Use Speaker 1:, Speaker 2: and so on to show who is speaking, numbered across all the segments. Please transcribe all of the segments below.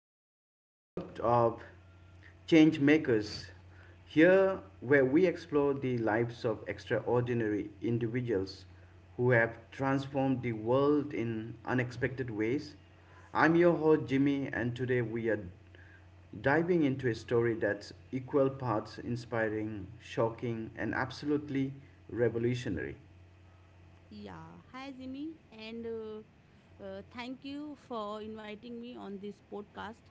Speaker 1: to another episode of Change Makers, here where we explore the lives of extraordinary individuals who have transformed the world in unexpected ways. I'm your host Jimmy, and today we are diving into a story that's equal parts inspiring, shocking, and absolutely revolutionary.
Speaker 2: Yeah, hi Zimi, and thank you for inviting me on this podcast.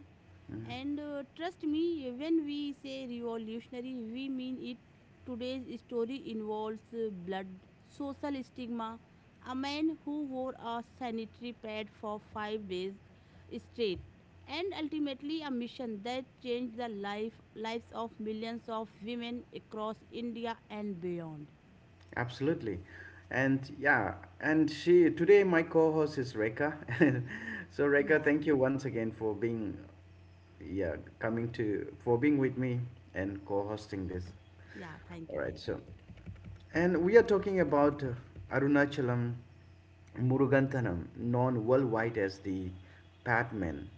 Speaker 2: And trust me, when we say revolutionary, we mean it. Today's story involves blood, social stigma, a man who wore a sanitary pad for 5 days straight, and ultimately a mission that changed the life lives of millions of women across India and beyond.
Speaker 1: Absolutely. And yeah, and she today my co-host is Reka. And so Reka,
Speaker 2: Yeah,
Speaker 1: thank you once again for being yeah, coming to for being with me and co-hosting this.
Speaker 2: yeah. Thank
Speaker 1: All
Speaker 2: you,
Speaker 1: right,
Speaker 2: thank you.
Speaker 1: so and we are talking about Arunachalam Muruganthanam, known worldwide as the Batman.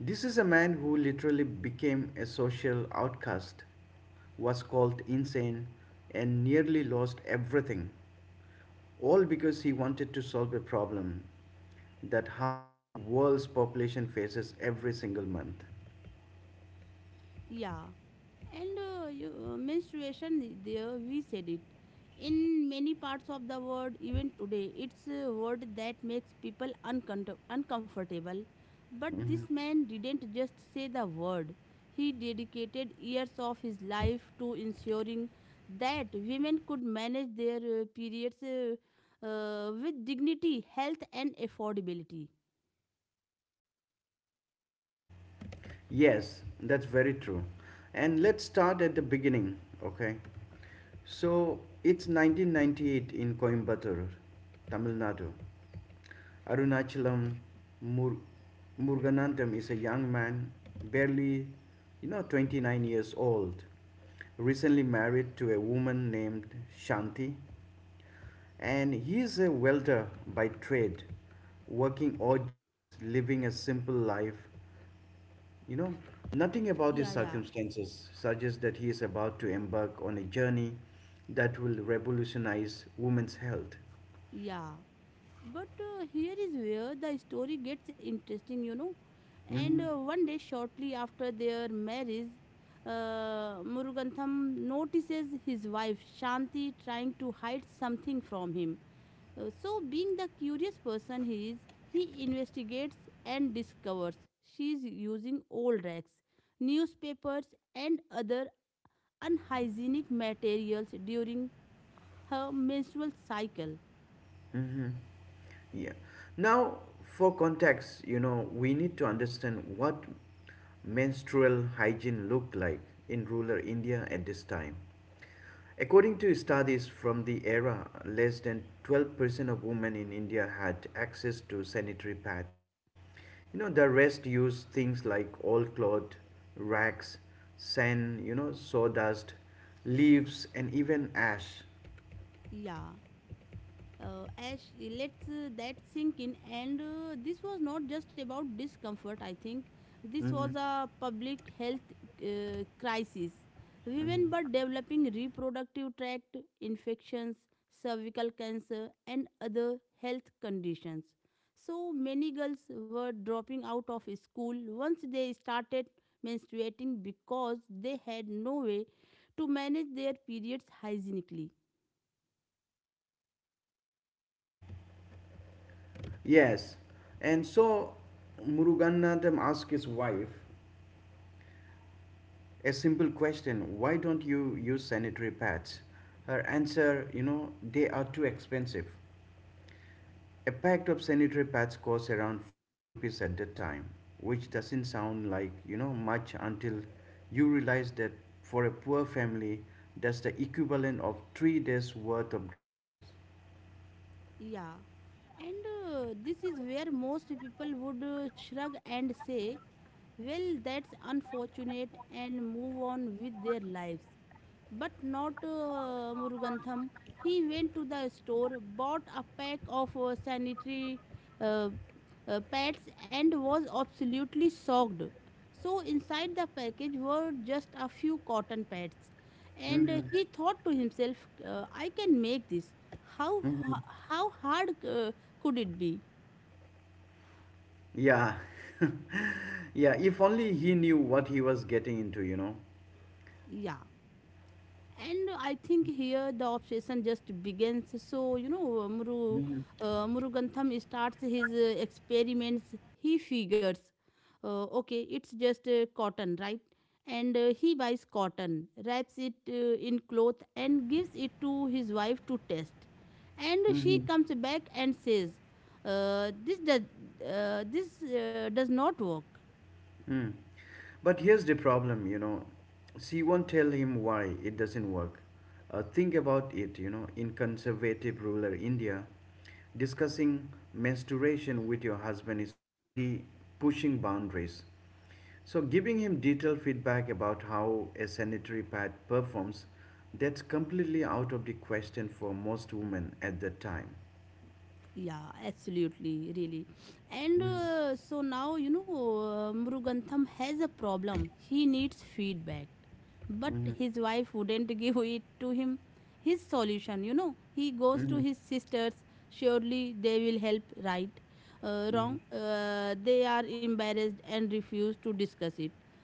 Speaker 1: This is a man who literally became a social outcast, was called insane, and nearly lost everything, all because he wanted to solve a problem that half the world's population faces every single month.
Speaker 2: Yeah, and menstruation, there we said it. In many parts of the world, even today, it's a word that makes people uncomfortable. But
Speaker 1: Mhm.
Speaker 2: this man didn't just say the word, he dedicated years of his life to ensuring that women could manage their periods with dignity, health, and affordability.
Speaker 1: Yes, that's very true. And let's start at the beginning, okay? So it's 1998 in Coimbatore, Tamil Nadu. Arunachalam Mur- Muruganandam is a young man, barely, you know, 29 years old, recently married to a woman named Shanti, and he is a welder by trade, working odd jobs, living a simple life. You know, nothing about
Speaker 2: Yeah,
Speaker 1: his
Speaker 2: yeah,
Speaker 1: circumstances suggests that he is about to embark on a journey that will revolutionize women's health.
Speaker 2: yeah. But here is where the story gets interesting, you know. And
Speaker 1: Mm-hmm.
Speaker 2: one day, shortly after their marriage, Murugantham notices his wife Shanti trying to hide something from him. Being the curious person he is, he investigates and discovers she is using old rags, newspapers, and other unhygienic materials during her menstrual cycle.
Speaker 1: Mm-hmm. Yeah. Now, for context, you know, we need to understand what menstrual hygiene looked like in rural India at this time. According to studies from the era, less than 12% of women in India had access to sanitary pads. You know, the rest used things like old cloth, rags, sand, you know, sawdust, leaves, and even ash.
Speaker 2: Yeah. As lets that sink in, and this was not just about discomfort. I think this was
Speaker 1: hmm
Speaker 2: a public health crisis. Women were developing reproductive tract infections, cervical cancer, and other health conditions. So many girls were dropping out of school once they started menstruating because they had no way to manage their periods hygienically.
Speaker 1: Yes. And so Muruganatham asked his wife a simple question, why don't you use sanitary pads? Her answer, you know, they are too expensive. A pack of sanitary pads costs around 40 rupees at the time, which doesn't sound like, you know, much until you realize that for a poor family, that's the equivalent of 3 days' worth of groceries.
Speaker 2: Yeah. And this is where most people would shrug and say, well, that's unfortunate, and move on with their lives. But not Murugantham. He went to the store, bought a pack of sanitary uh, pads, and was absolutely shocked. So, inside the package were just a few cotton pads. And
Speaker 1: Mm-hmm.
Speaker 2: he thought to himself, I can make this. How,
Speaker 1: Mm-hmm.
Speaker 2: ha- how hard could it be?
Speaker 1: Yeah. Yeah, if only he knew what he was getting into, you know.
Speaker 2: Yeah. And I think here the obsession just begins. So, you know, Murugantham starts his experiments. He figures, okay, it's just cotton, right? And he buys cotton, wraps it in cloth, and gives it to his wife to test. And she
Speaker 1: Mhm.
Speaker 2: comes back and says, uh, this, does, this does not work.
Speaker 1: Mm. But here's the problem, you know. She won't tell him why it doesn't work. Think about it, you know. In conservative rural India, discussing menstruation with your husband is already pushing boundaries. So, giving him detailed feedback about how a sanitary pad performs, that's completely out of the question for most women at that time.
Speaker 2: Yeah, absolutely, really. And
Speaker 1: Mhm.
Speaker 2: so now, you know, Murugantham has a problem. He needs feedback. But
Speaker 1: Mhm.
Speaker 2: his wife wouldn't give it to him. His solution, you know, he goes to
Speaker 1: Mhm.
Speaker 2: his sisters. Surely they will help, right? Wrong.
Speaker 1: Mhm.
Speaker 2: They are embarrassed and refuse to discuss it.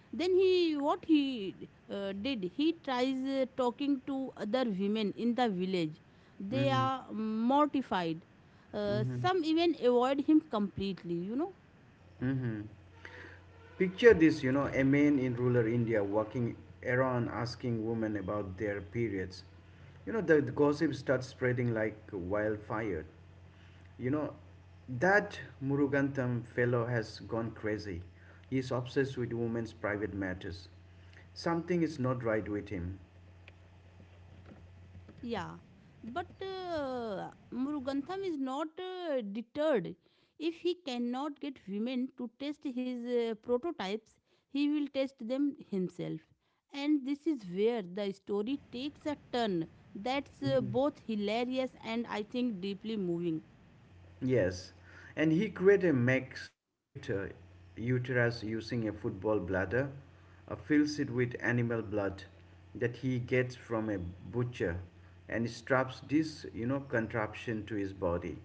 Speaker 2: Then he, what he did, he tries talking to other women in the village. They
Speaker 1: Mhm.
Speaker 2: are mortified,
Speaker 1: Mhm.
Speaker 2: some even avoid him completely, you know.
Speaker 1: Mhm. Picture this, you know, a man in rural India walking around asking women about their periods. You know, the gossip starts spreading like wildfire. You know, that Murugantham fellow has gone crazy. He is obsessed with women's private matters. Something is not right with him.
Speaker 2: Yeah. But Murugantham is not deterred. If he cannot get women to test his prototypes, he will test them himself. And this is where the story takes a turn that's both hilarious and I think deeply moving.
Speaker 1: Yes, and he created a makeshift uterus using a football bladder, fills it with animal blood that he gets from a butcher, and straps this, you know, contraption to his body.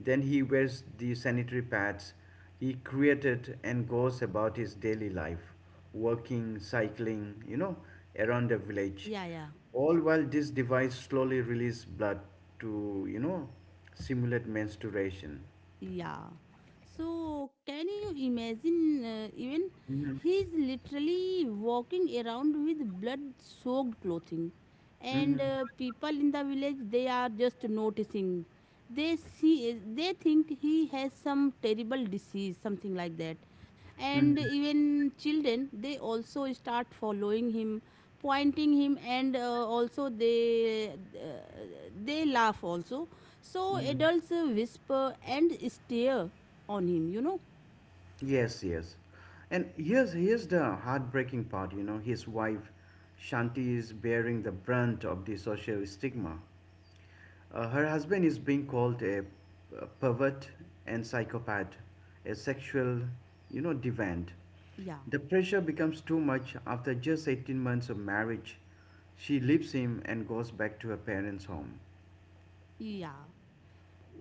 Speaker 1: Then he wears the sanitary pads he created and goes about his daily life, working, cycling, you know, around the village
Speaker 2: Yeah, yeah.
Speaker 1: all while this device slowly releases blood to, you know, simulate menstruation.
Speaker 2: Yeah. So, can you imagine even
Speaker 1: hmm
Speaker 2: he's literally walking around with blood soaked clothing, and
Speaker 1: hmm
Speaker 2: people in the village, they are just noticing, they see, they think he has some terrible disease, something like that. And
Speaker 1: hmm
Speaker 2: even children, they also start following him, pointing him, and also they laugh also. So
Speaker 1: hmm
Speaker 2: adults whisper and stare on him, you know?
Speaker 1: yes, yes. And here's the heartbreaking part, you know. His wife Shanti is bearing the brunt of the social stigma. Her husband is being called a pervert and psychopath, a sexual, you know, deviant.
Speaker 2: Yeah,
Speaker 1: The pressure becomes too much after just 18 months of marriage. She leaves him and goes back to her parents' home.
Speaker 2: yeah.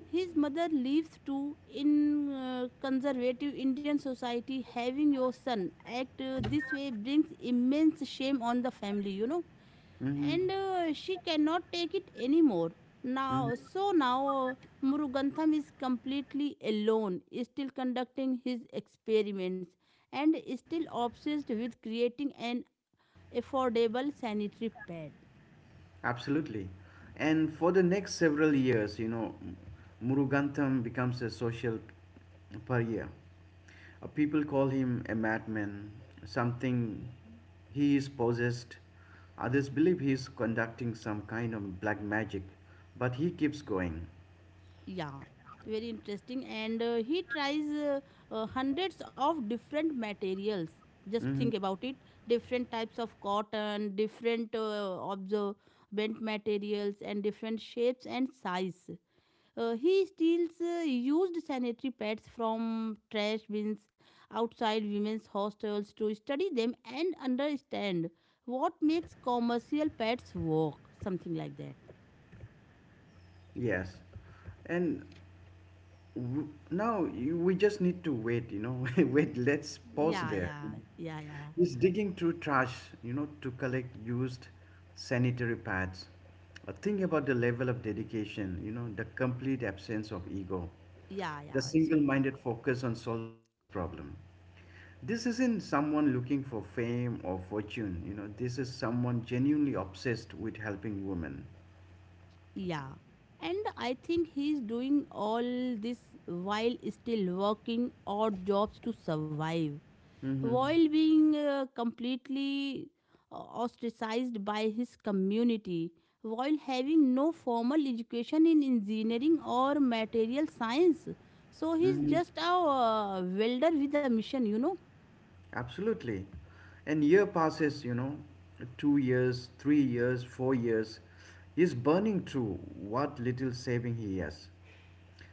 Speaker 2: His mother lives too in conservative Indian society. Having your son act this way brings immense shame on the family, you know?
Speaker 1: Mm-hmm.
Speaker 2: And she cannot take it anymore. Now,
Speaker 1: Mm-hmm.
Speaker 2: so now uh, Murugantham is completely alone, still conducting his experiments and still obsessed with creating an affordable sanitary pad.
Speaker 1: Absolutely. And for the next several years, you know, Murugantham becomes a social pariah. People call him a madman, something he is possessed. Others believe he is conducting some kind of black magic, but he keeps going.
Speaker 2: Yeah, very interesting. And he tries hundreds of different materials. Just think
Speaker 1: hmm
Speaker 2: about it, different types of cotton, different absorbent materials, and different shapes and size. He steals used sanitary pads from trash bins outside women's hostels to study them and understand what makes commercial pads work, something like that.
Speaker 1: Yes. And W- No, you- we just need to wait, you know. Wait, let's pause
Speaker 2: Yeah,
Speaker 1: there.
Speaker 2: yeah, yeah, yeah,
Speaker 1: He's digging through trash, you know, to collect used sanitary pads. Think about the level of dedication, you know, the complete absence of ego,
Speaker 2: yeah,
Speaker 1: the
Speaker 2: yeah,
Speaker 1: single
Speaker 2: absolutely.
Speaker 1: minded focus on solving this problem. This isn't someone looking for fame or fortune, you know, this is someone genuinely obsessed with helping women.
Speaker 2: Yeah. And I think he's doing all this while still working odd jobs to survive,
Speaker 1: Mm-hmm.
Speaker 2: while being completely ostracized by his community, while having no formal education in engineering or material science. So he's just a welder with a mission, you know.
Speaker 1: Absolutely. And year passes, you know, 2 years, 3 years, 4 years. He's burning through what little saving he has.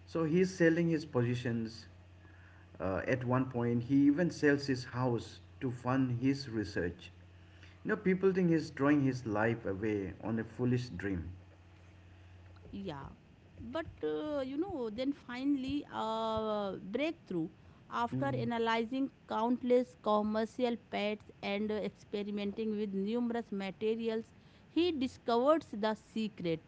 Speaker 1: So he's selling his positions. At one point, he even sells his house to fund his research. You know, people think he's throwing his life away on a foolish dream.
Speaker 2: Yeah. But, you know, then finally, breakthrough. After
Speaker 1: Mm.
Speaker 2: analyzing countless commercial pets and experimenting with numerous materials, he discovers the secret: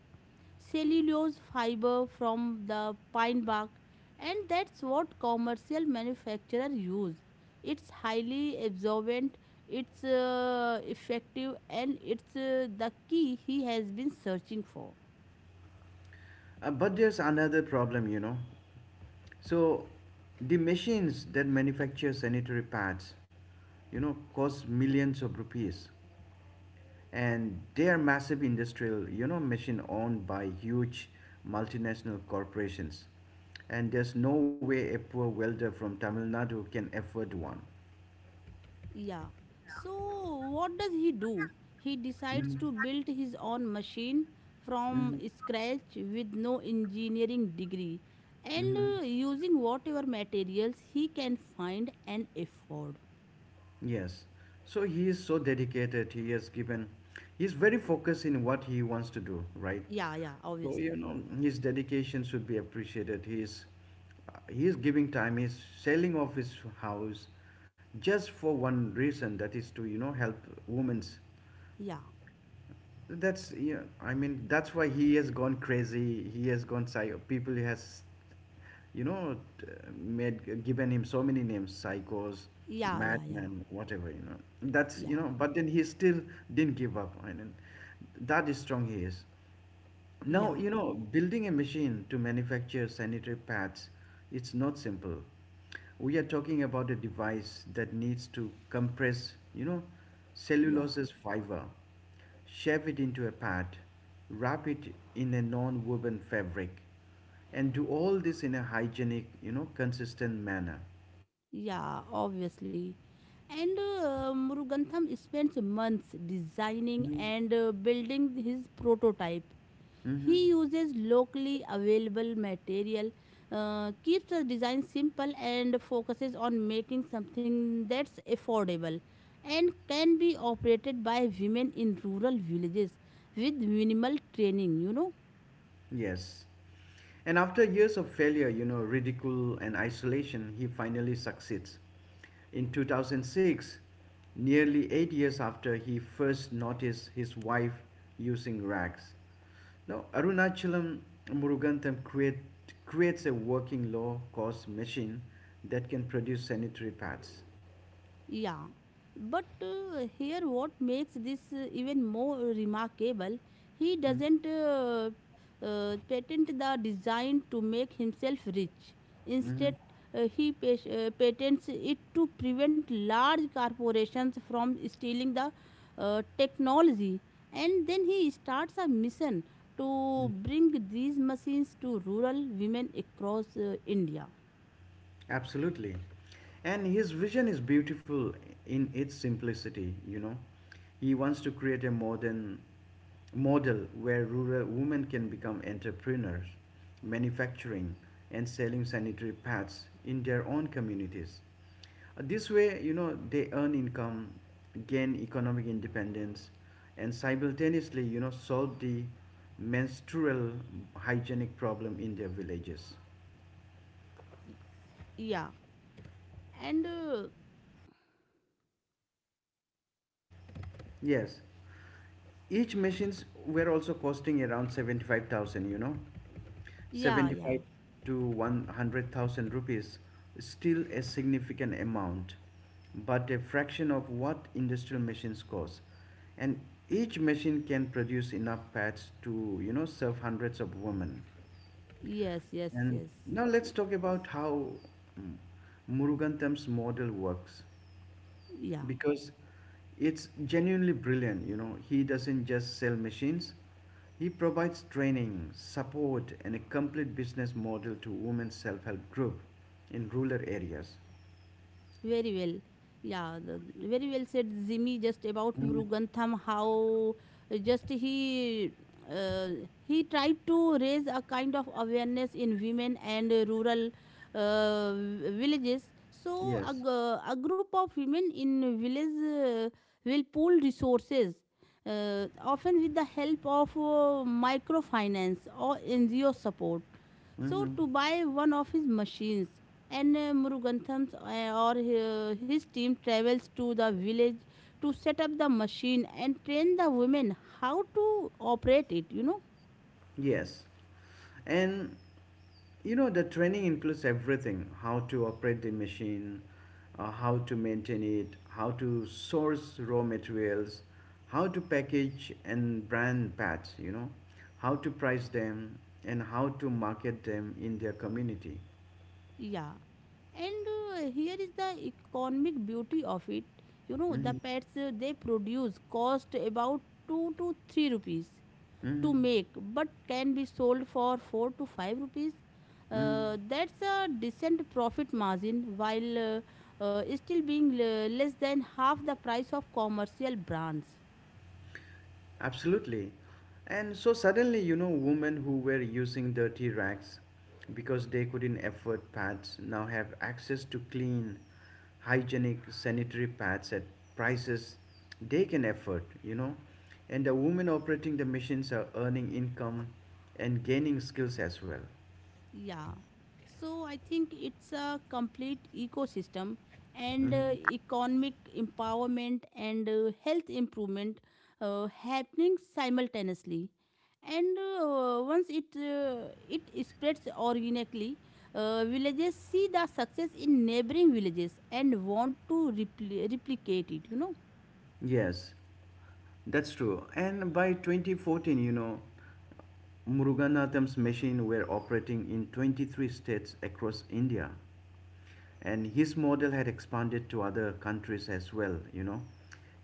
Speaker 2: cellulose fiber from the pine bark, and that's what commercial manufacturers use. It's highly absorbent, it's effective, and it's the key he has been searching for.
Speaker 1: But there's another problem, you know. So the machines that manufacture sanitary pads, you know, cost millions of rupees, and they are massive industrial, you know, machine owned by huge multinational corporations, and there's no way a poor welder from Tamil Nadu can afford one.
Speaker 2: Yeah. So what does he do? He
Speaker 1: hmm
Speaker 2: decides to build his own machine from
Speaker 1: hmm
Speaker 2: scratch with no engineering degree, and
Speaker 1: hmm
Speaker 2: using whatever materials he can find and afford.
Speaker 1: Yes. So he is so dedicated. He's very focused in what he wants to do, right?
Speaker 2: Yeah, yeah,
Speaker 1: So, you
Speaker 2: obviously.
Speaker 1: know, his dedication should be appreciated. He is giving time, he's selling off his house just for one reason, that is to, you know, help women's.
Speaker 2: Yeah.
Speaker 1: That's, yeah, I mean, that's why he has gone crazy. He has gone psycho. People has you know, t- made given him so many names, psychos,
Speaker 2: Yeah, yeah, yeah.
Speaker 1: madman, whatever, you know. That's you
Speaker 2: Yeah.
Speaker 1: know, but then he still didn't give up. I mean, that is strong he is. Now,
Speaker 2: Yeah.
Speaker 1: you know, building a machine to manufacture sanitary pads, it's not simple. We are talking about a device that needs to compress, you know,
Speaker 2: Yeah.
Speaker 1: cellulose's fiber, shape it into a pad, wrap it in a non-woven fabric, and do all this in a hygienic, you know, consistent manner.
Speaker 2: Yeah, obviously. And Murugantham spends months designing
Speaker 1: Mhm.
Speaker 2: and building his prototype.
Speaker 1: Mm-hmm.
Speaker 2: He uses locally available material, keeps the design simple, and focuses on making something that's affordable and can be operated by women in rural villages with minimal training, you know.
Speaker 1: Yes. And after years of failure, you know, ridicule and isolation, he finally succeeds. In 2006, nearly 8 years after he first noticed his wife using rags. Now, Arunachalam Murugantham creates a working low cost machine that can produce sanitary pads.
Speaker 2: Yeah, but here what makes this even more remarkable, he
Speaker 1: Hmm?
Speaker 2: doesn't patent the design to make himself rich.
Speaker 1: Mm-hmm.
Speaker 2: Instead, patents it to prevent large corporations from stealing the technology. And then he starts a mission to bring these machines to rural women across India.
Speaker 1: Absolutely. And his vision is beautiful in its simplicity, you know. He wants to create a model where rural women can become entrepreneurs, manufacturing and selling sanitary pads in their own communities. This way, you know, they earn income, gain economic independence, and simultaneously, you know, solve the menstrual hygienic problem in their villages.
Speaker 2: Yeah. And
Speaker 1: Yes, each machines were also costing around 75,000, you know,
Speaker 2: yeah, yeah.
Speaker 1: 75 to 100,000 rupees, still a significant amount but a fraction of what industrial machines cost, and each machine can produce enough pads to, you know, serve hundreds of women.
Speaker 2: Yes, yes,
Speaker 1: And
Speaker 2: yes.
Speaker 1: now let's talk about how mm, Murugantam's model works,
Speaker 2: Yeah.
Speaker 1: because it's genuinely brilliant. You know, he doesn't just sell machines, he provides training, support, and a complete business model to women's self help group in rural areas.
Speaker 2: Very well. Yeah, the, very well said, Zimi, just about
Speaker 1: Mm,
Speaker 2: Murugantham, how just uh, he tried to raise a kind of awareness in women and rural uh, villages. So
Speaker 1: Yes.
Speaker 2: a group of women in village will pool resources often with the help of microfinance or NGO support, so
Speaker 1: hmm
Speaker 2: to buy one of his machines. And Murugantham's or his team travels to the village to set up the machine and train the women how to operate it, you know.
Speaker 1: Yes. And you know, the training includes everything, how to operate the machine, how to maintain it, how to source raw materials, how to package and brand bats, you know, how to price them, and how to market them in their community.
Speaker 2: Yeah. And here is the economic beauty of it. You know, the pets they produce cost about 2 to 3 rupees
Speaker 1: Mm-hmm.
Speaker 2: to make, but can be sold for 4 to 5 rupees.
Speaker 1: hmm
Speaker 2: That's a decent profit margin while still being less than half the price of commercial brands.
Speaker 1: Absolutely. And so suddenly, you know, women who were using dirty rags because they couldn't afford pads now have access to clean, hygienic sanitary pads at prices they can afford, you know. And the women operating the machines are earning income and gaining skills as well.
Speaker 2: Yeah. So I think it's a complete ecosystem, and
Speaker 1: Mhm.
Speaker 2: economic empowerment and health improvement happening simultaneously. And once it it spreads organically, villages see the success in neighboring villages and want to replicate it. You know.
Speaker 1: Yes, that's true. And by 2014, you know, Muruganatham's machine were operating in 23 states across India, and his model had expanded to other countries as well, you know,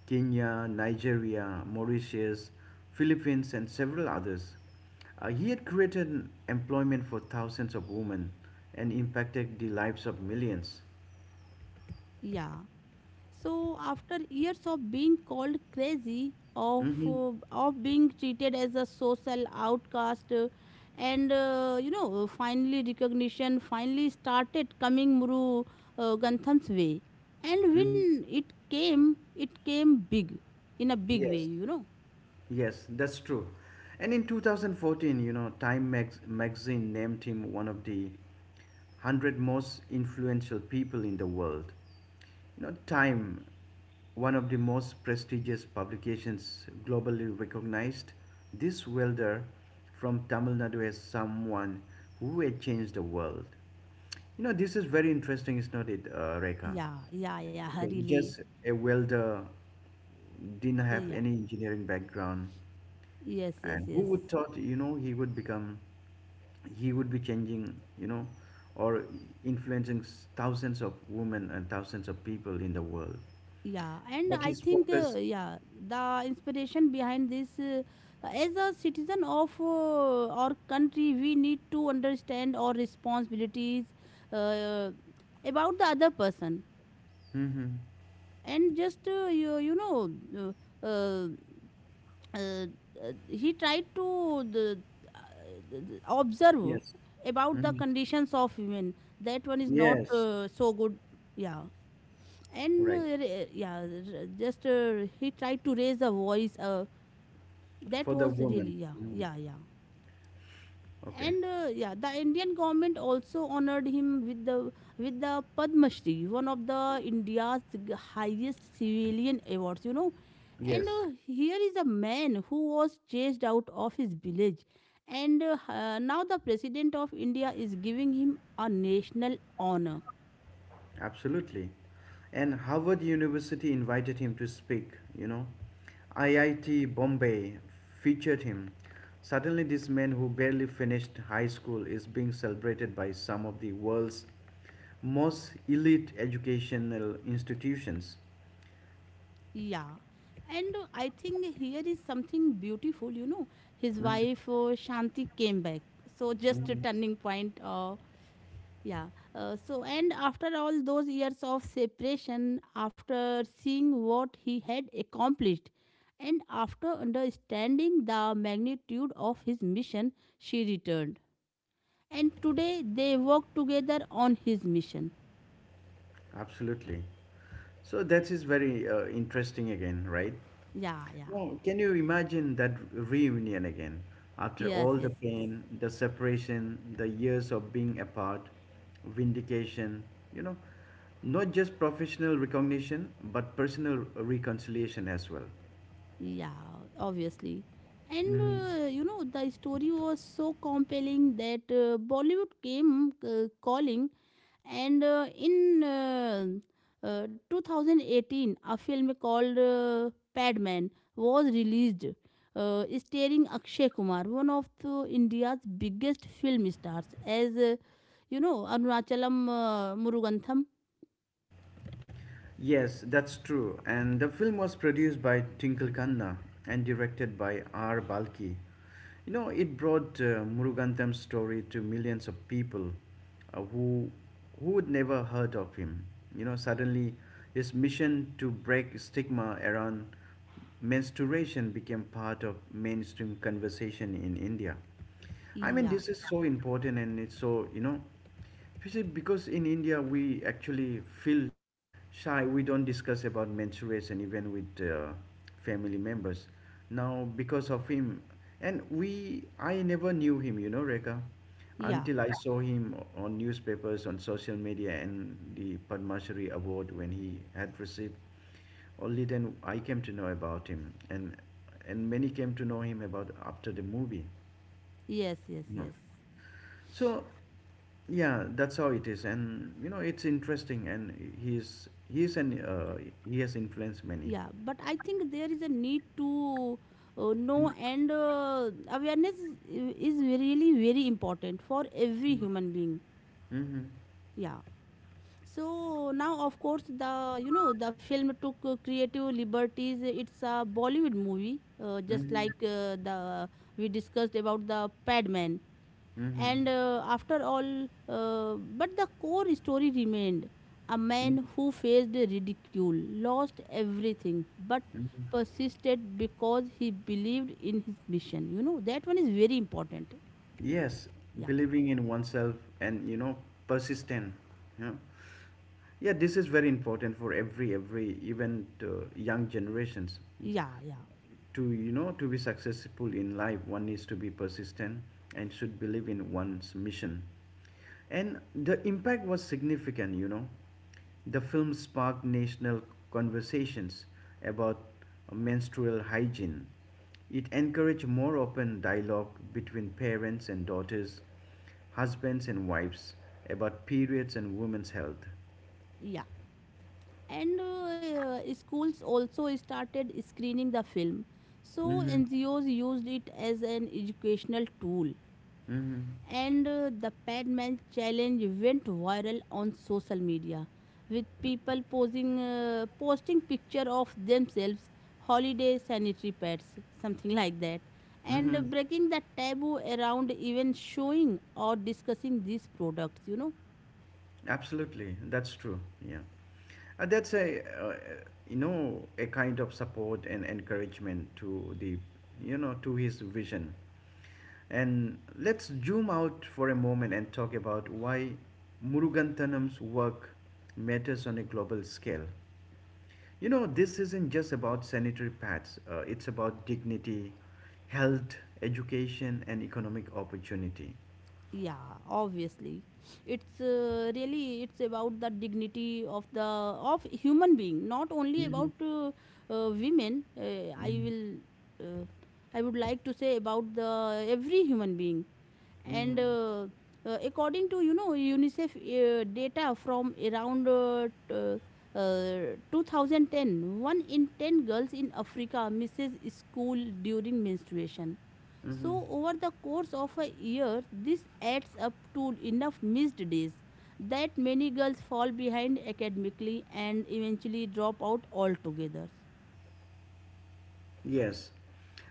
Speaker 1: Kenya, Nigeria, Mauritius, Philippines, and several others. He had created employment for thousands of women and impacted the lives of millions.
Speaker 2: Yeah. So after years of being called crazy, of
Speaker 1: Mm-hmm.
Speaker 2: being treated as a social outcast, and you know, finally recognition finally started coming Muru Gantham's way, and
Speaker 1: Mm-hmm.
Speaker 2: when it came big, in a big way,
Speaker 1: Yes,
Speaker 2: you know.
Speaker 1: yes, that's true. And in 2014, you know, magazine named him one of the 100 most influential people in the world. You know, Time, one of the most prestigious publications, globally recognized this welder from Tamil Nadu as someone who had changed the world. You know, this is very interesting, is not it, Rekha?
Speaker 2: Yeah, yeah, yeah,
Speaker 1: Because
Speaker 2: hurriedly.
Speaker 1: just a welder didn't have
Speaker 2: Yeah,
Speaker 1: any engineering background,
Speaker 2: yes, yes,
Speaker 1: and who
Speaker 2: yes.
Speaker 1: would thought, you know, he would be changing, you know, or influencing thousands of women and thousands of people in the world,
Speaker 2: Yeah, and
Speaker 1: but
Speaker 2: I
Speaker 1: his
Speaker 2: think
Speaker 1: focus,
Speaker 2: yeah, the inspiration behind this, as a citizen of our country, we need to understand our responsibilities uh, uh, about the other person.
Speaker 1: Mm-hmm.
Speaker 2: And just you know, uh, uh, uh, he tried to the- observe
Speaker 1: yes,
Speaker 2: about the
Speaker 1: hmm
Speaker 2: conditions of women, that one is not
Speaker 1: yes,
Speaker 2: so good. Yeah. And
Speaker 1: right,
Speaker 2: yeah, just he tried to raise the voice, that
Speaker 1: for the
Speaker 2: was
Speaker 1: woman.
Speaker 2: really, yeah,
Speaker 1: Mm.
Speaker 2: yeah, yeah.
Speaker 1: Okay.
Speaker 2: And yeah, the Indian government also honored him with the Padma Shri, one of the India's highest civilian awards, you know. And
Speaker 1: Yes,
Speaker 2: here is a man who was chased out of his village, and now the president of India is giving him a national honor.
Speaker 1: absolutely. And Harvard University invited him to speak, you know. IIT Bombay featured him. Suddenly, this man who barely finished high school is being celebrated by some of the world's most elite educational institutions.
Speaker 2: Yeah. And I think here is something beautiful, you know. His wife Shanti came back. So just a turning point. Yeah. And after all those years of separation, after seeing what he had accomplished, and after understanding the magnitude of his mission, she returned. And today they work together on his mission.
Speaker 1: Absolutely. So that is very interesting again, right?
Speaker 2: Yeah, yeah.
Speaker 1: No, can you imagine that reunion again? After
Speaker 2: Yes,
Speaker 1: all the
Speaker 2: yes, yes.
Speaker 1: pain, the separation, the years of being apart, vindication, you know, not just professional recognition, but personal reconciliation as well.
Speaker 2: Yeah, obviously. And
Speaker 1: hmm
Speaker 2: you know, the story was so compelling that Bollywood came calling. And in 2018, a film called Padman was released, starring Akshay Kumar, one of the India's biggest film stars, as, you know, Arunachalam Murugantham.
Speaker 1: Yes, that's true. And the film was produced by Twinkle Khanna and directed by R. Balki. You know, it brought Murugantham's story to millions of people uh, who who would never heard of him. You know, suddenly his mission to break stigma around menstruation became part of mainstream conversation in India. I mean,
Speaker 2: Yeah,
Speaker 1: this is so important and it's so, you know. You see, because in India we actually feel shy. We don't discuss about menstruation even with family members. Now, because of him, and we, I never knew him, you know, Rekha,
Speaker 2: yeah,
Speaker 1: until I saw him on newspapers, on social media, and the Padma Shri Award when he had received. Only then I came to know about him, and many came to know him about after the movie.
Speaker 2: yes, yes,
Speaker 1: No.
Speaker 2: yes.
Speaker 1: So, yeah, that's how it is, and you know it's interesting, and he's an he has influenced many.
Speaker 2: Yeah, but I think there is a need to know, and awareness is really very important for every
Speaker 1: Mm-hmm.
Speaker 2: human being.
Speaker 1: Mm-hmm.
Speaker 2: Yeah. So now of course, the, you know, the film took creative liberties, it's a Bollywood movie, just like the we discussed about the Padman.
Speaker 1: Mm-hmm.
Speaker 2: And but the core story remained: a man who faced ridicule, lost everything, but
Speaker 1: Mm-hmm.
Speaker 2: persisted because he believed in his mission. You know, that one is very important.
Speaker 1: Yes,
Speaker 2: Yeah,
Speaker 1: believing in oneself and you know persistent. You know? Yeah, this is very important for every even to young generations.
Speaker 2: yeah, yeah,
Speaker 1: To you know to be successful in life one needs to be persistent and should believe in one's mission and the impact was significant you know the film sparked national conversations about menstrual hygiene. It encouraged more open dialogue between parents and daughters, husbands and wives, about periods and women's health.
Speaker 2: yeah. And Schools also started screening the film. So,
Speaker 1: Mm-hmm.
Speaker 2: NGOs used it as an educational tool.
Speaker 1: Mm-hmm.
Speaker 2: And The Padman challenge went viral on social media with people posing posting picture of themselves holiday sanitary pads something like that. And
Speaker 1: Mm-hmm.
Speaker 2: breaking the taboo around even showing or discussing these products.
Speaker 1: Absolutely, that's true. Yeah. That's a you know a kind of support and encouragement to the you know to his vision. And let's zoom out for a moment and talk about why Muruganthanam's work matters on a global scale. You know, this isn't just about sanitary pads. It's about dignity, health, education, and economic opportunity.
Speaker 2: Yeah, obviously. It's Really, it's about the dignity of the of human being, not only
Speaker 1: Hmm.
Speaker 2: about women. I will, uh, I would like to say about the every human being. And
Speaker 1: Mm-hmm.
Speaker 2: According to UNICEF data from around 2010, one in 10 girls in Africa misses school during menstruation. So
Speaker 1: Mm-hmm.
Speaker 2: over the course of a year, this adds up to enough missed days that many girls fall behind academically and eventually drop out altogether.
Speaker 1: Yes.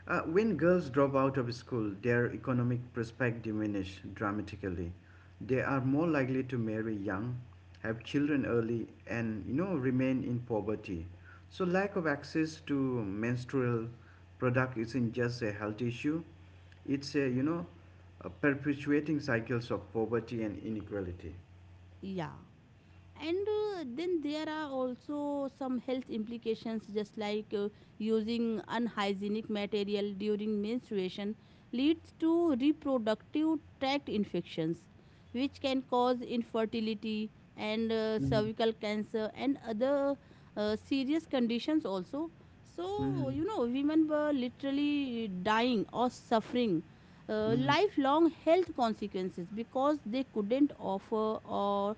Speaker 1: When girls drop out of school, their economic prospects diminish dramatically. They are more likely to marry young, have children early, and you know remain in poverty. So lack of access to menstrual product isn't just a health issue; it's a you know a perpetuating cycles of poverty and inequality.
Speaker 2: Yeah. And then there are also some health implications, just like using unhygienic material during menstruation leads to reproductive tract infections, which can cause infertility and
Speaker 1: Mm-hmm.
Speaker 2: cervical cancer and other serious conditions also.
Speaker 1: Mm-hmm.
Speaker 2: So you know, women were literally dying or suffering lifelong health consequences because they couldn't offer or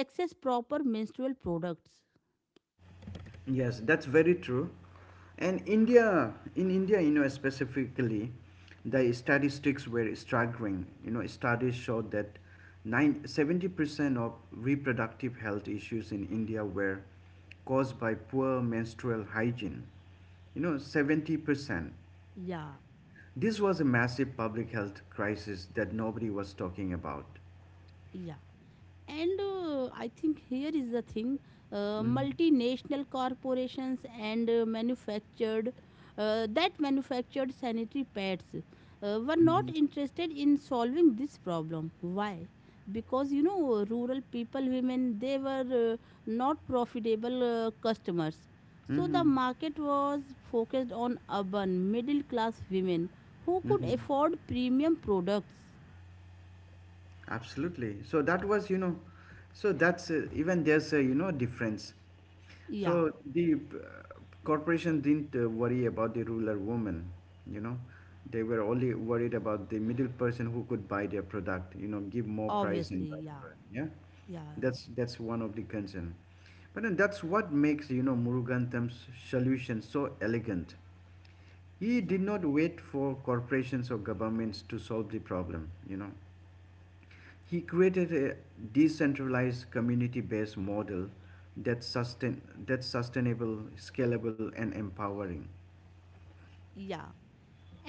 Speaker 2: access proper menstrual products.
Speaker 1: Yes, that's very true. And India, in India, you know, specifically, the statistics were staggering. You know, studies showed that nine seventy percent of reproductive health issues in India were caused by poor menstrual hygiene. You know, 70%.
Speaker 2: या.
Speaker 1: This was a massive public health crisis that nobody was talking about.
Speaker 2: या. And I think here is the thing.
Speaker 1: Mm-hmm.
Speaker 2: Multinational corporations and manufactured that manufactured sanitary pads were not interested in solving this problem. Why? Because you know, rural people, women, they were not profitable customers. So the
Speaker 1: Mm-hmm.
Speaker 2: market was focused on urban, middle class women who could
Speaker 1: Mm-hmm.
Speaker 2: afford premium products.
Speaker 1: Absolutely. So that was, you know, so that's even there's a, you know, difference.
Speaker 2: Yeah,
Speaker 1: So the corporation didn't worry about the ruler woman, you know. They were only worried about the middle person who could buy their product, you know, give more price
Speaker 2: obviously,
Speaker 1: and buy the
Speaker 2: yeah,
Speaker 1: product. Yeah,
Speaker 2: yeah.
Speaker 1: that's one of the concern. But then that's what makes you know Muruganatham's solution so elegant. He
Speaker 2: Yeah,
Speaker 1: did not wait for corporations or governments to solve the problem, you know. He created a decentralized community-based model that's sustain that's sustainable, scalable and empowering.
Speaker 2: yeah.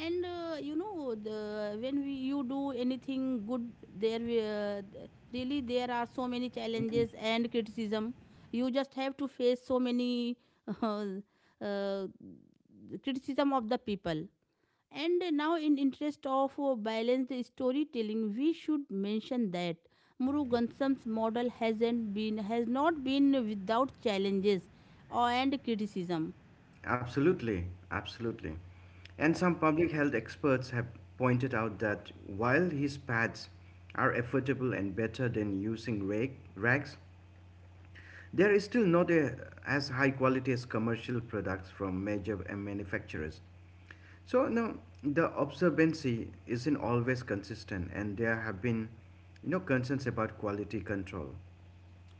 Speaker 2: and You know, when you do anything good there, really there are so many challenges and criticism. You just have to face so many uh, uh, criticism of the people. And now, in interest of balanced storytelling, we should mention that Murugansam's model has not been without challenges or and criticism.
Speaker 1: Absolutely, absolutely. And some public health experts have pointed out that while his pads are affordable and better than using rags, there is still not a, as high quality as commercial products from major manufacturers. So now the observancy isn't always consistent, and there have been, you know, concerns about quality control.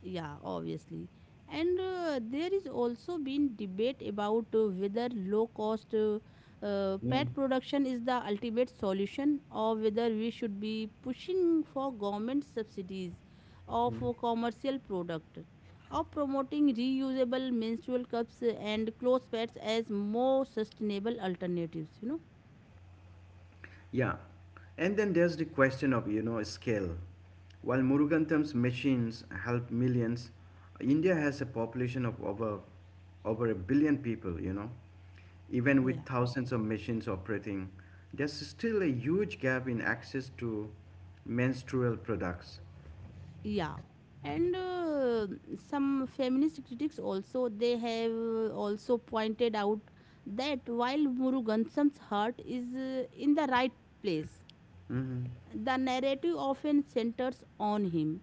Speaker 2: Yeah, obviously. And there is also been debate about whether low cost
Speaker 1: Mm.
Speaker 2: pet production is the ultimate solution, or whether we should be pushing for government subsidies of commercial product, or promoting reusable menstrual cups and clothes pets as more sustainable alternatives.
Speaker 1: Yeah, and then there's the question of you know scale. While Murugantam's machines help millions, India has a population of over a billion people. You know, even with
Speaker 2: Yeah.
Speaker 1: thousands of machines operating, there's still a huge gap in access to menstrual products.
Speaker 2: yeah and some feminist critics also, they have also pointed out that while Murugansam's heart is in the right place,
Speaker 1: Mm-hmm,
Speaker 2: the narrative often centers on him,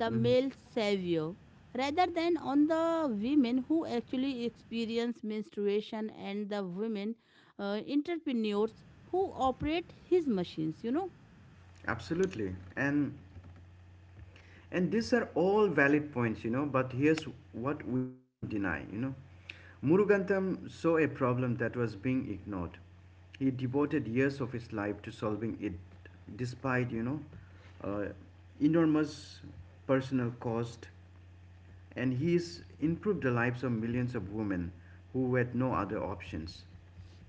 Speaker 2: the
Speaker 1: mm-hmm.
Speaker 2: male savior, rather than on the women who actually experience menstruation, and the women entrepreneurs who operate his machines.
Speaker 1: Absolutely. And these are all valid points, you know, but here's what we can't deny, you know. Murugantham saw a problem that was being ignored. He devoted years of his life to solving it despite, you know, uh, enormous personal cost and he's improved the lives of millions of women who had no other options.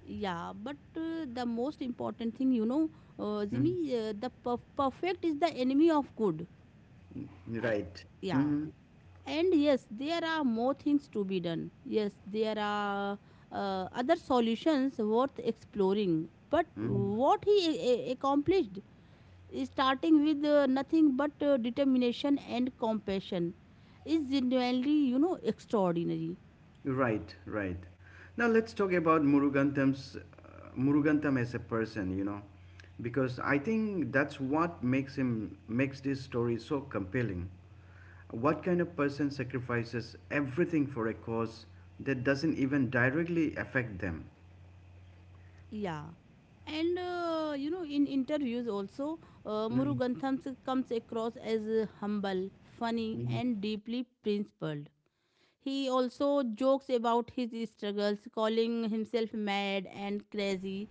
Speaker 2: Yeah, but the most important thing, you know, Jimmy,
Speaker 1: Mm.
Speaker 2: the perfect is the enemy of good. A-
Speaker 1: Right.
Speaker 2: yeah.
Speaker 1: Hmm.
Speaker 2: And yes, there are more things to be done. Yes, there are other solutions worth exploring. But
Speaker 1: Hmm.
Speaker 2: what he accomplished, starting with nothing but determination and compassion, is genuinely, you know, extraordinary.
Speaker 1: Right, right. Now let's talk about Murugantham's Murugantham as a person, you know, because I think that's what makes this story so compelling. What kind of person sacrifices everything for a cause that doesn't even directly affect them?
Speaker 2: Yeah. And you know, in interviews also,
Speaker 1: Mm,
Speaker 2: Murugantham comes across as humble, funny,
Speaker 1: mm.
Speaker 2: and deeply principled. He also jokes about his struggles, calling himself mad and crazy.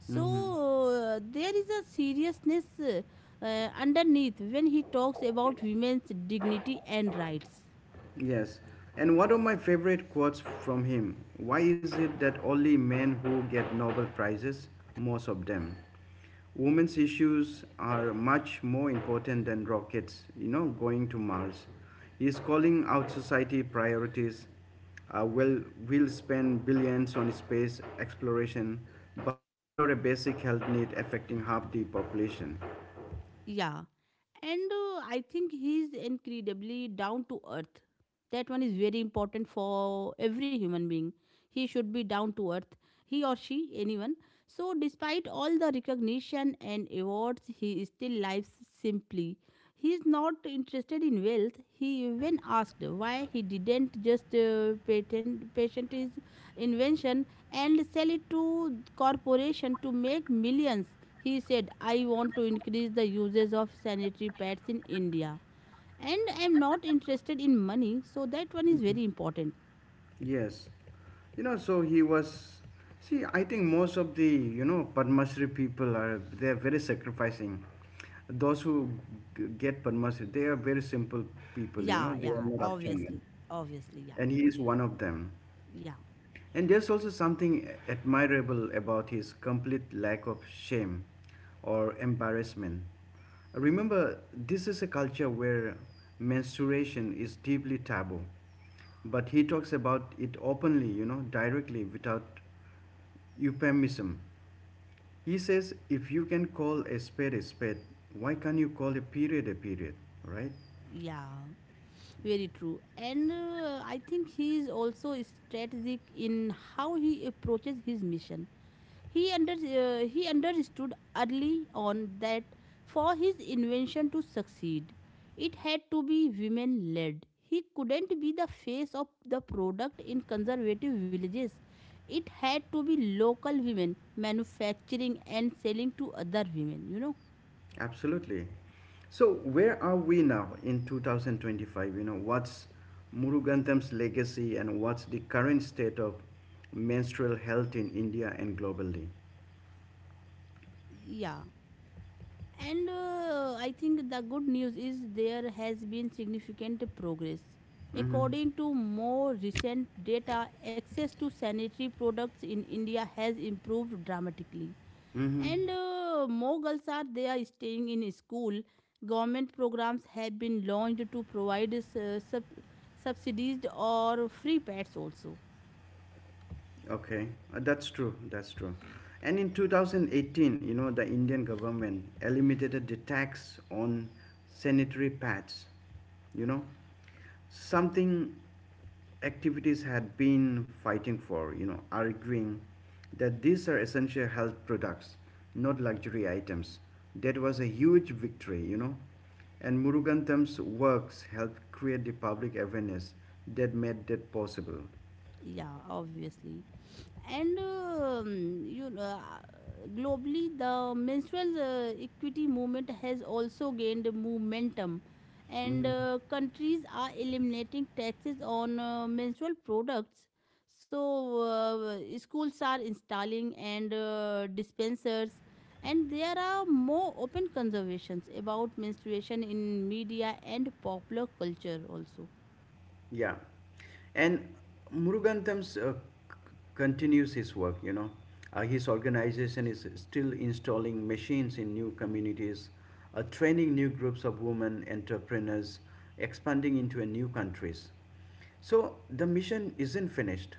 Speaker 2: So there is a seriousness underneath when he talks about women's dignity and rights.
Speaker 1: Yes. And one of my favorite quotes from him, why is it that only men who get Nobel Prizes, most of them? Women's issues are much more important than rockets, you know, going to Mars. He's calling out society priorities. Well, we'll spend billions on space exploration, but ignore a basic health need affecting half the population.
Speaker 2: Yeah. And I think he's incredibly down to earth. That one is very important for every human being. He should be down to earth, he or she, anyone. So despite all the recognition and awards, he still lives simply. He is not interested in wealth. He even asked why he didn't just patent his invention and sell it to corporation to make millions. He said, I want to increase the usage of sanitary pads in India, and I'm not interested in money. So that one is very important.
Speaker 1: Yes. You know, so he was. See, I think most of the, you know, Padma Shri people are, they're very sacrificing. Those who get Padma Shri, they are very simple people, you know,
Speaker 2: Yeah,
Speaker 1: they are
Speaker 2: yeah,
Speaker 1: not up to men.
Speaker 2: obviously. Obviously, yeah.
Speaker 1: And he is one of them.
Speaker 2: Yeah,
Speaker 1: And there's also something admirable about his complete lack of shame or embarrassment. Remember, this is a culture where menstruation is deeply taboo, but he talks about it openly, you know, directly without euphemism. He says, if you can call a spade, why can't you call a period, right?
Speaker 2: yeah. Very true. And I think he is also strategic in how he approaches his mission. He understood early on that for his invention to succeed, it had to be women led. He couldn't be the face of the product in conservative villages. It had to be local women manufacturing and selling to other women, you know.
Speaker 1: Absolutely. So, where are we now in 2025? You know, what's Murugantham's legacy and what's the current state of menstrual health in India and globally?
Speaker 2: Yeah. And I think the good news is there has been significant progress.
Speaker 1: Mm-hmm.
Speaker 2: According to more recent data, access to sanitary products in India has improved dramatically.
Speaker 1: Mm-hmm.
Speaker 2: And more girls are there staying in school. Government programs have been launched to provide subsidized or free pads also.
Speaker 1: Okay, that's true. That's true. And in 2018, you know, the Indian government eliminated the tax on sanitary pads. You know, something activities had been fighting for. You know, arguing that these are essential health products, not luxury items. That was a huge victory. You know, and Murugantam's works helped create the public awareness that made that possible.
Speaker 2: Yeah, obviously. And You know, globally, the menstrual equity movement has also gained momentum, and countries are eliminating taxes on menstrual products. So schools are installing and dispensers, and there are more open conversations about menstruation in media and popular culture also.
Speaker 1: Yeah. And Muruganthams continues his work, you know. His organization is still installing machines in new communities, training new groups of women entrepreneurs, expanding into a new countries. So the mission isn't finished.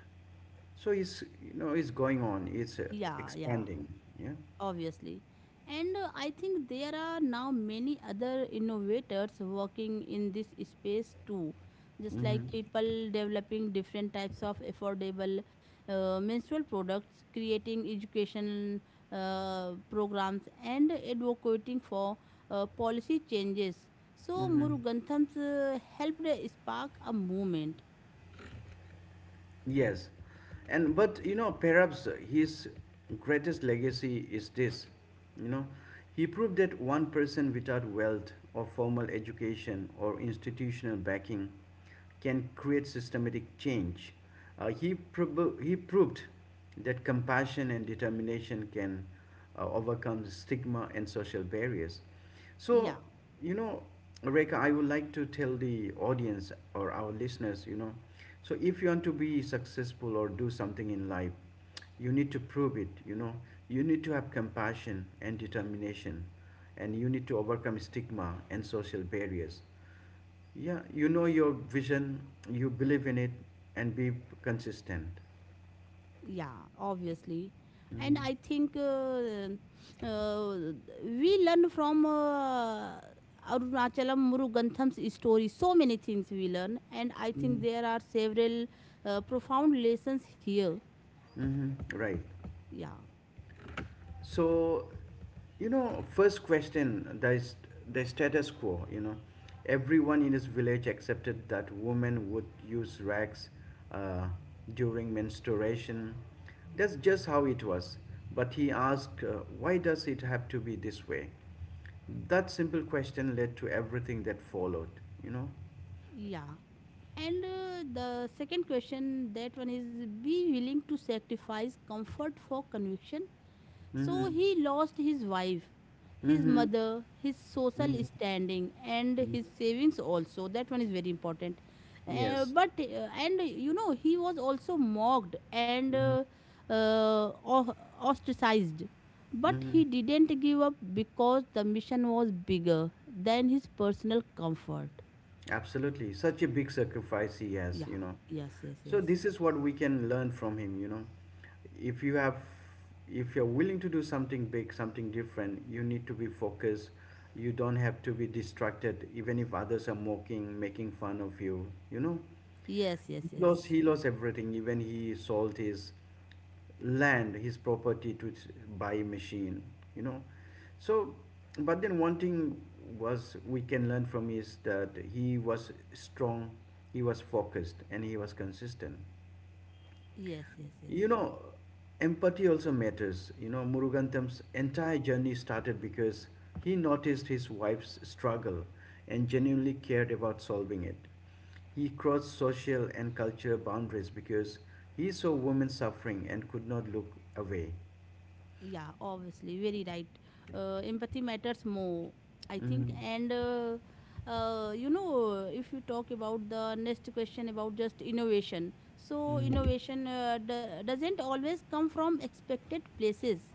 Speaker 1: So it's, you know, it's going on, it's
Speaker 2: Yeah, yeah,
Speaker 1: expanding. Yeah.
Speaker 2: obviously. And I think there are now many other innovators working in this space too, just
Speaker 1: Mm-hmm.
Speaker 2: like people developing different types of affordable menstrual products, creating education programs, and advocating for policy changes. So
Speaker 1: Mm-hmm.
Speaker 2: Murugantham's helped spark a movement.
Speaker 1: Yes, and but you know, perhaps his greatest legacy is this, you know, he proved that one person without wealth or formal education or institutional backing can create systematic change. He proved that compassion and determination can overcome stigma and social barriers. So,
Speaker 2: Yeah.
Speaker 1: you know, Reka, I would like to tell the audience or our listeners, you know, so if you want to be successful or do something in life, you need to prove it, you know, you need to have compassion and determination, and you need to overcome stigma and social barriers. Yeah, you know your vision, you believe in it, and be consistent.
Speaker 2: Yeah, obviously. And
Speaker 1: Mm-hmm.
Speaker 2: I think uh, we learn from Arunachalam Murugantham's story. So many things we learn. And I think there are several profound lessons here.
Speaker 1: Mm-hmm. Right.
Speaker 2: Yeah,
Speaker 1: So, you know, first question, the status quo, you know. Everyone in his village accepted that women would use rags uh, during menstruation. That's just how it was. But he asked, why does it have to be this way? That simple question led to everything that followed, you know.
Speaker 2: yeah. And the second question, that one is be willing to sacrifice comfort for conviction.
Speaker 1: Mm-hmm.
Speaker 2: So he lost his wife, his
Speaker 1: Mm-hmm.
Speaker 2: mother, his social
Speaker 1: Mm-hmm.
Speaker 2: standing, and
Speaker 1: Mm-hmm.
Speaker 2: his savings also. That one is very important.
Speaker 1: Yes.
Speaker 2: But and you know, he was also mocked and
Speaker 1: Mm-hmm.
Speaker 2: uh, uh, o- ostracized. But
Speaker 1: Mm-hmm.
Speaker 2: he didn't give up because the mission was bigger than his personal comfort.
Speaker 1: Absolutely, such a big sacrifice he has,
Speaker 2: Yeah.
Speaker 1: you know.
Speaker 2: Yes. Yes.
Speaker 1: So
Speaker 2: Yes.
Speaker 1: this is what we can learn from him, you know. If you have, if you're willing to do something big, something different, you need to be focused. You don't have to be distracted, even if others are mocking, making fun of you, you know.
Speaker 2: Yes. Yes.
Speaker 1: He
Speaker 2: Yes.
Speaker 1: lost, he lost everything. Even he sold his land, his property to buy machine, you know. So, but then one thing was we can learn from is that he was strong, he was focused, and he was consistent.
Speaker 2: Yes. Yes. Yes.
Speaker 1: You know, empathy also matters. You know, Muruganatham's entire journey started because he noticed his wife's struggle and genuinely cared about solving it. He crossed social and cultural boundaries because he saw women suffering and could not look away.
Speaker 2: Yeah, obviously, very right. Empathy matters more, I think.
Speaker 1: Mm-hmm.
Speaker 2: And you know, if you talk about the next question about just innovation, so
Speaker 1: Hmm.
Speaker 2: innovation doesn't always come from expected places.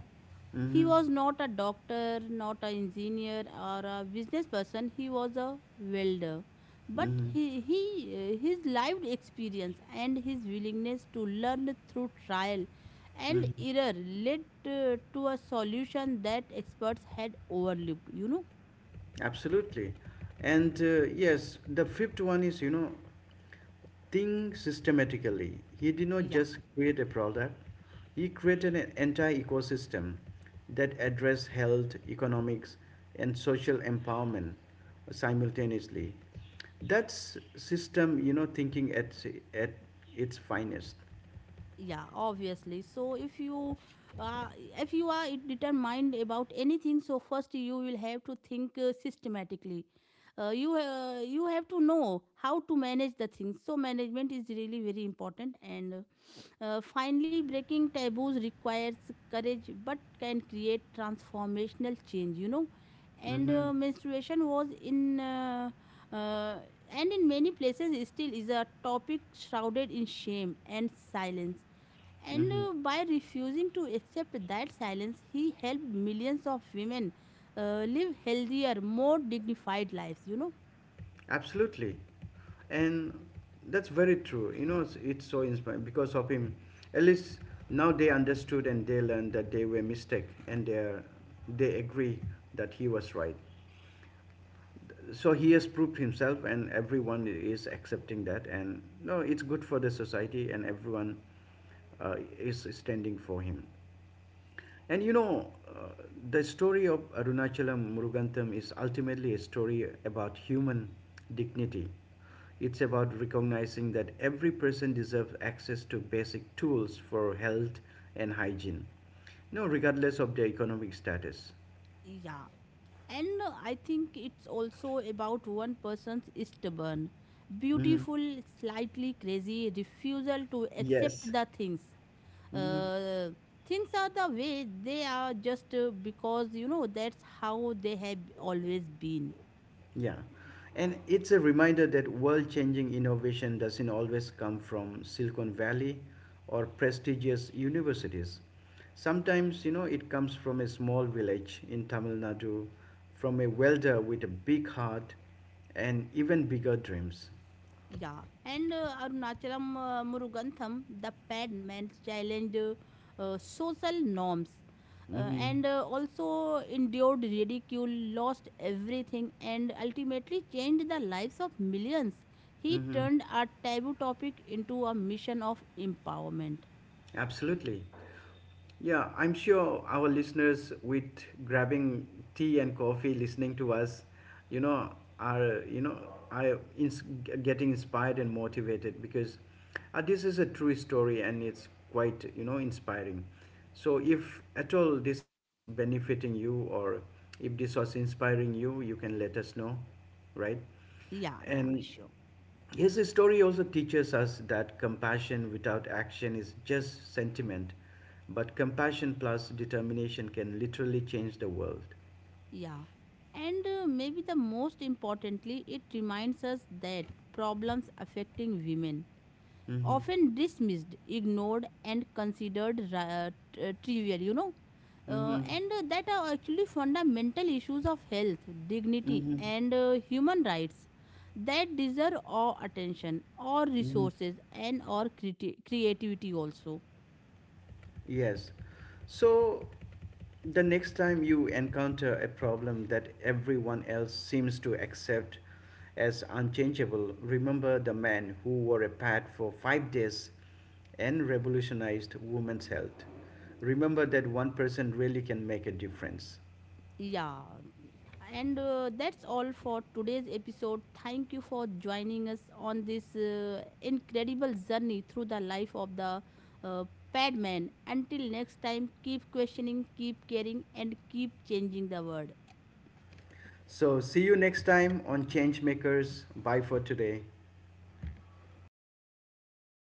Speaker 2: He
Speaker 1: Hmm.
Speaker 2: was not a doctor, not an engineer or a business person. He was a welder. But his lived experience and his willingness to learn through trial and
Speaker 1: Hmm.
Speaker 2: error led to a solution that experts had overlooked. You know,
Speaker 1: Absolutely. And yes, the fifth one is, you know, think systematically. He did not
Speaker 2: yeah.
Speaker 1: just create a product, he created an entire ecosystem that addressed health, economics, and social empowerment simultaneously. That's system, you know, thinking at its finest.
Speaker 2: Yeah, obviously. So uh, if you are determined about anything, so first you will have to think systematically. You have to know how to manage the things. So management is really very important. And finally, breaking taboos requires courage, but can create transformational change, you know. and
Speaker 1: Mm-hmm.
Speaker 2: uh, menstruation was in uh, and in many places still is a topic shrouded in shame and silence. and
Speaker 1: Mm-hmm.
Speaker 2: uh, by refusing to accept that silence, he helped millions of women live healthier, more dignified lives, you know.
Speaker 1: Absolutely, and that's very true. You know, it's so inspiring because of him. At least now they understood and they learned that they were mistake, and they are, they agree that he was right. So he has proved himself, and everyone is accepting that. And no, it's good for the society, and everyone is standing for him. And you know, the story of Arunachalam Murugantham is ultimately a story about human dignity. It's about recognizing that every person deserves access to basic tools for health and hygiene, you know, regardless of their economic status.
Speaker 2: Yeah. And I think it's also about one person's stubborn,
Speaker 1: Mhm.
Speaker 2: beautiful, slightly crazy refusal to accept
Speaker 1: Yes.
Speaker 2: the things.
Speaker 1: Mm-hmm.
Speaker 2: Uh, Things are the way they are just because, you know, that's how they have always been.
Speaker 1: Yeah. And it's a reminder that world changing innovation doesn't always come from Silicon Valley or prestigious universities. Sometimes, you know, it comes from a small village in Tamil Nadu, from a welder with a big heart and even bigger dreams.
Speaker 2: Yeah, and Arunachalam Murugantham, the Padman, challenged social norms uh,
Speaker 1: Mm-hmm.
Speaker 2: and uh, also endured ridicule, lost everything, and ultimately changed the lives of millions. He
Speaker 1: Mm-hmm.
Speaker 2: turned a taboo topic into a mission of empowerment.
Speaker 1: Absolutely. Yeah, I'm sure our listeners with grabbing tea and coffee listening to us, you know, are you know, are getting inspired and motivated because this is a true story and it's quite, you know, inspiring. So if at all this is benefiting you or if this was inspiring you, you can let us know, right?
Speaker 2: Yeah, yeah,
Speaker 1: And
Speaker 2: sure.
Speaker 1: his story also teaches us that compassion without action is just sentiment, but compassion plus determination can literally change the world.
Speaker 2: Yeah. And maybe the most importantly, it reminds us that problems affecting women,
Speaker 1: Mm-hmm.
Speaker 2: often dismissed, ignored, and considered trivial, you know.
Speaker 1: Mm-hmm.
Speaker 2: And That are actually fundamental issues of health, dignity,
Speaker 1: Mm-hmm.
Speaker 2: and human rights that deserve our attention, our
Speaker 1: Mm-hmm.
Speaker 2: resources, and our creativity also.
Speaker 1: Yes. So the next time you encounter a problem that everyone else seems to accept as unchangeable, remember the man who wore a pad for 5 days and revolutionized women's health. Remember that one person really can make a difference.
Speaker 2: Yeah. And that's all for today's episode. Thank you for joining us on this incredible journey through the life of the Padman. Until next time, keep questioning, keep caring, and keep changing the world.
Speaker 1: So, see you next time on Changemakers. Bye for today.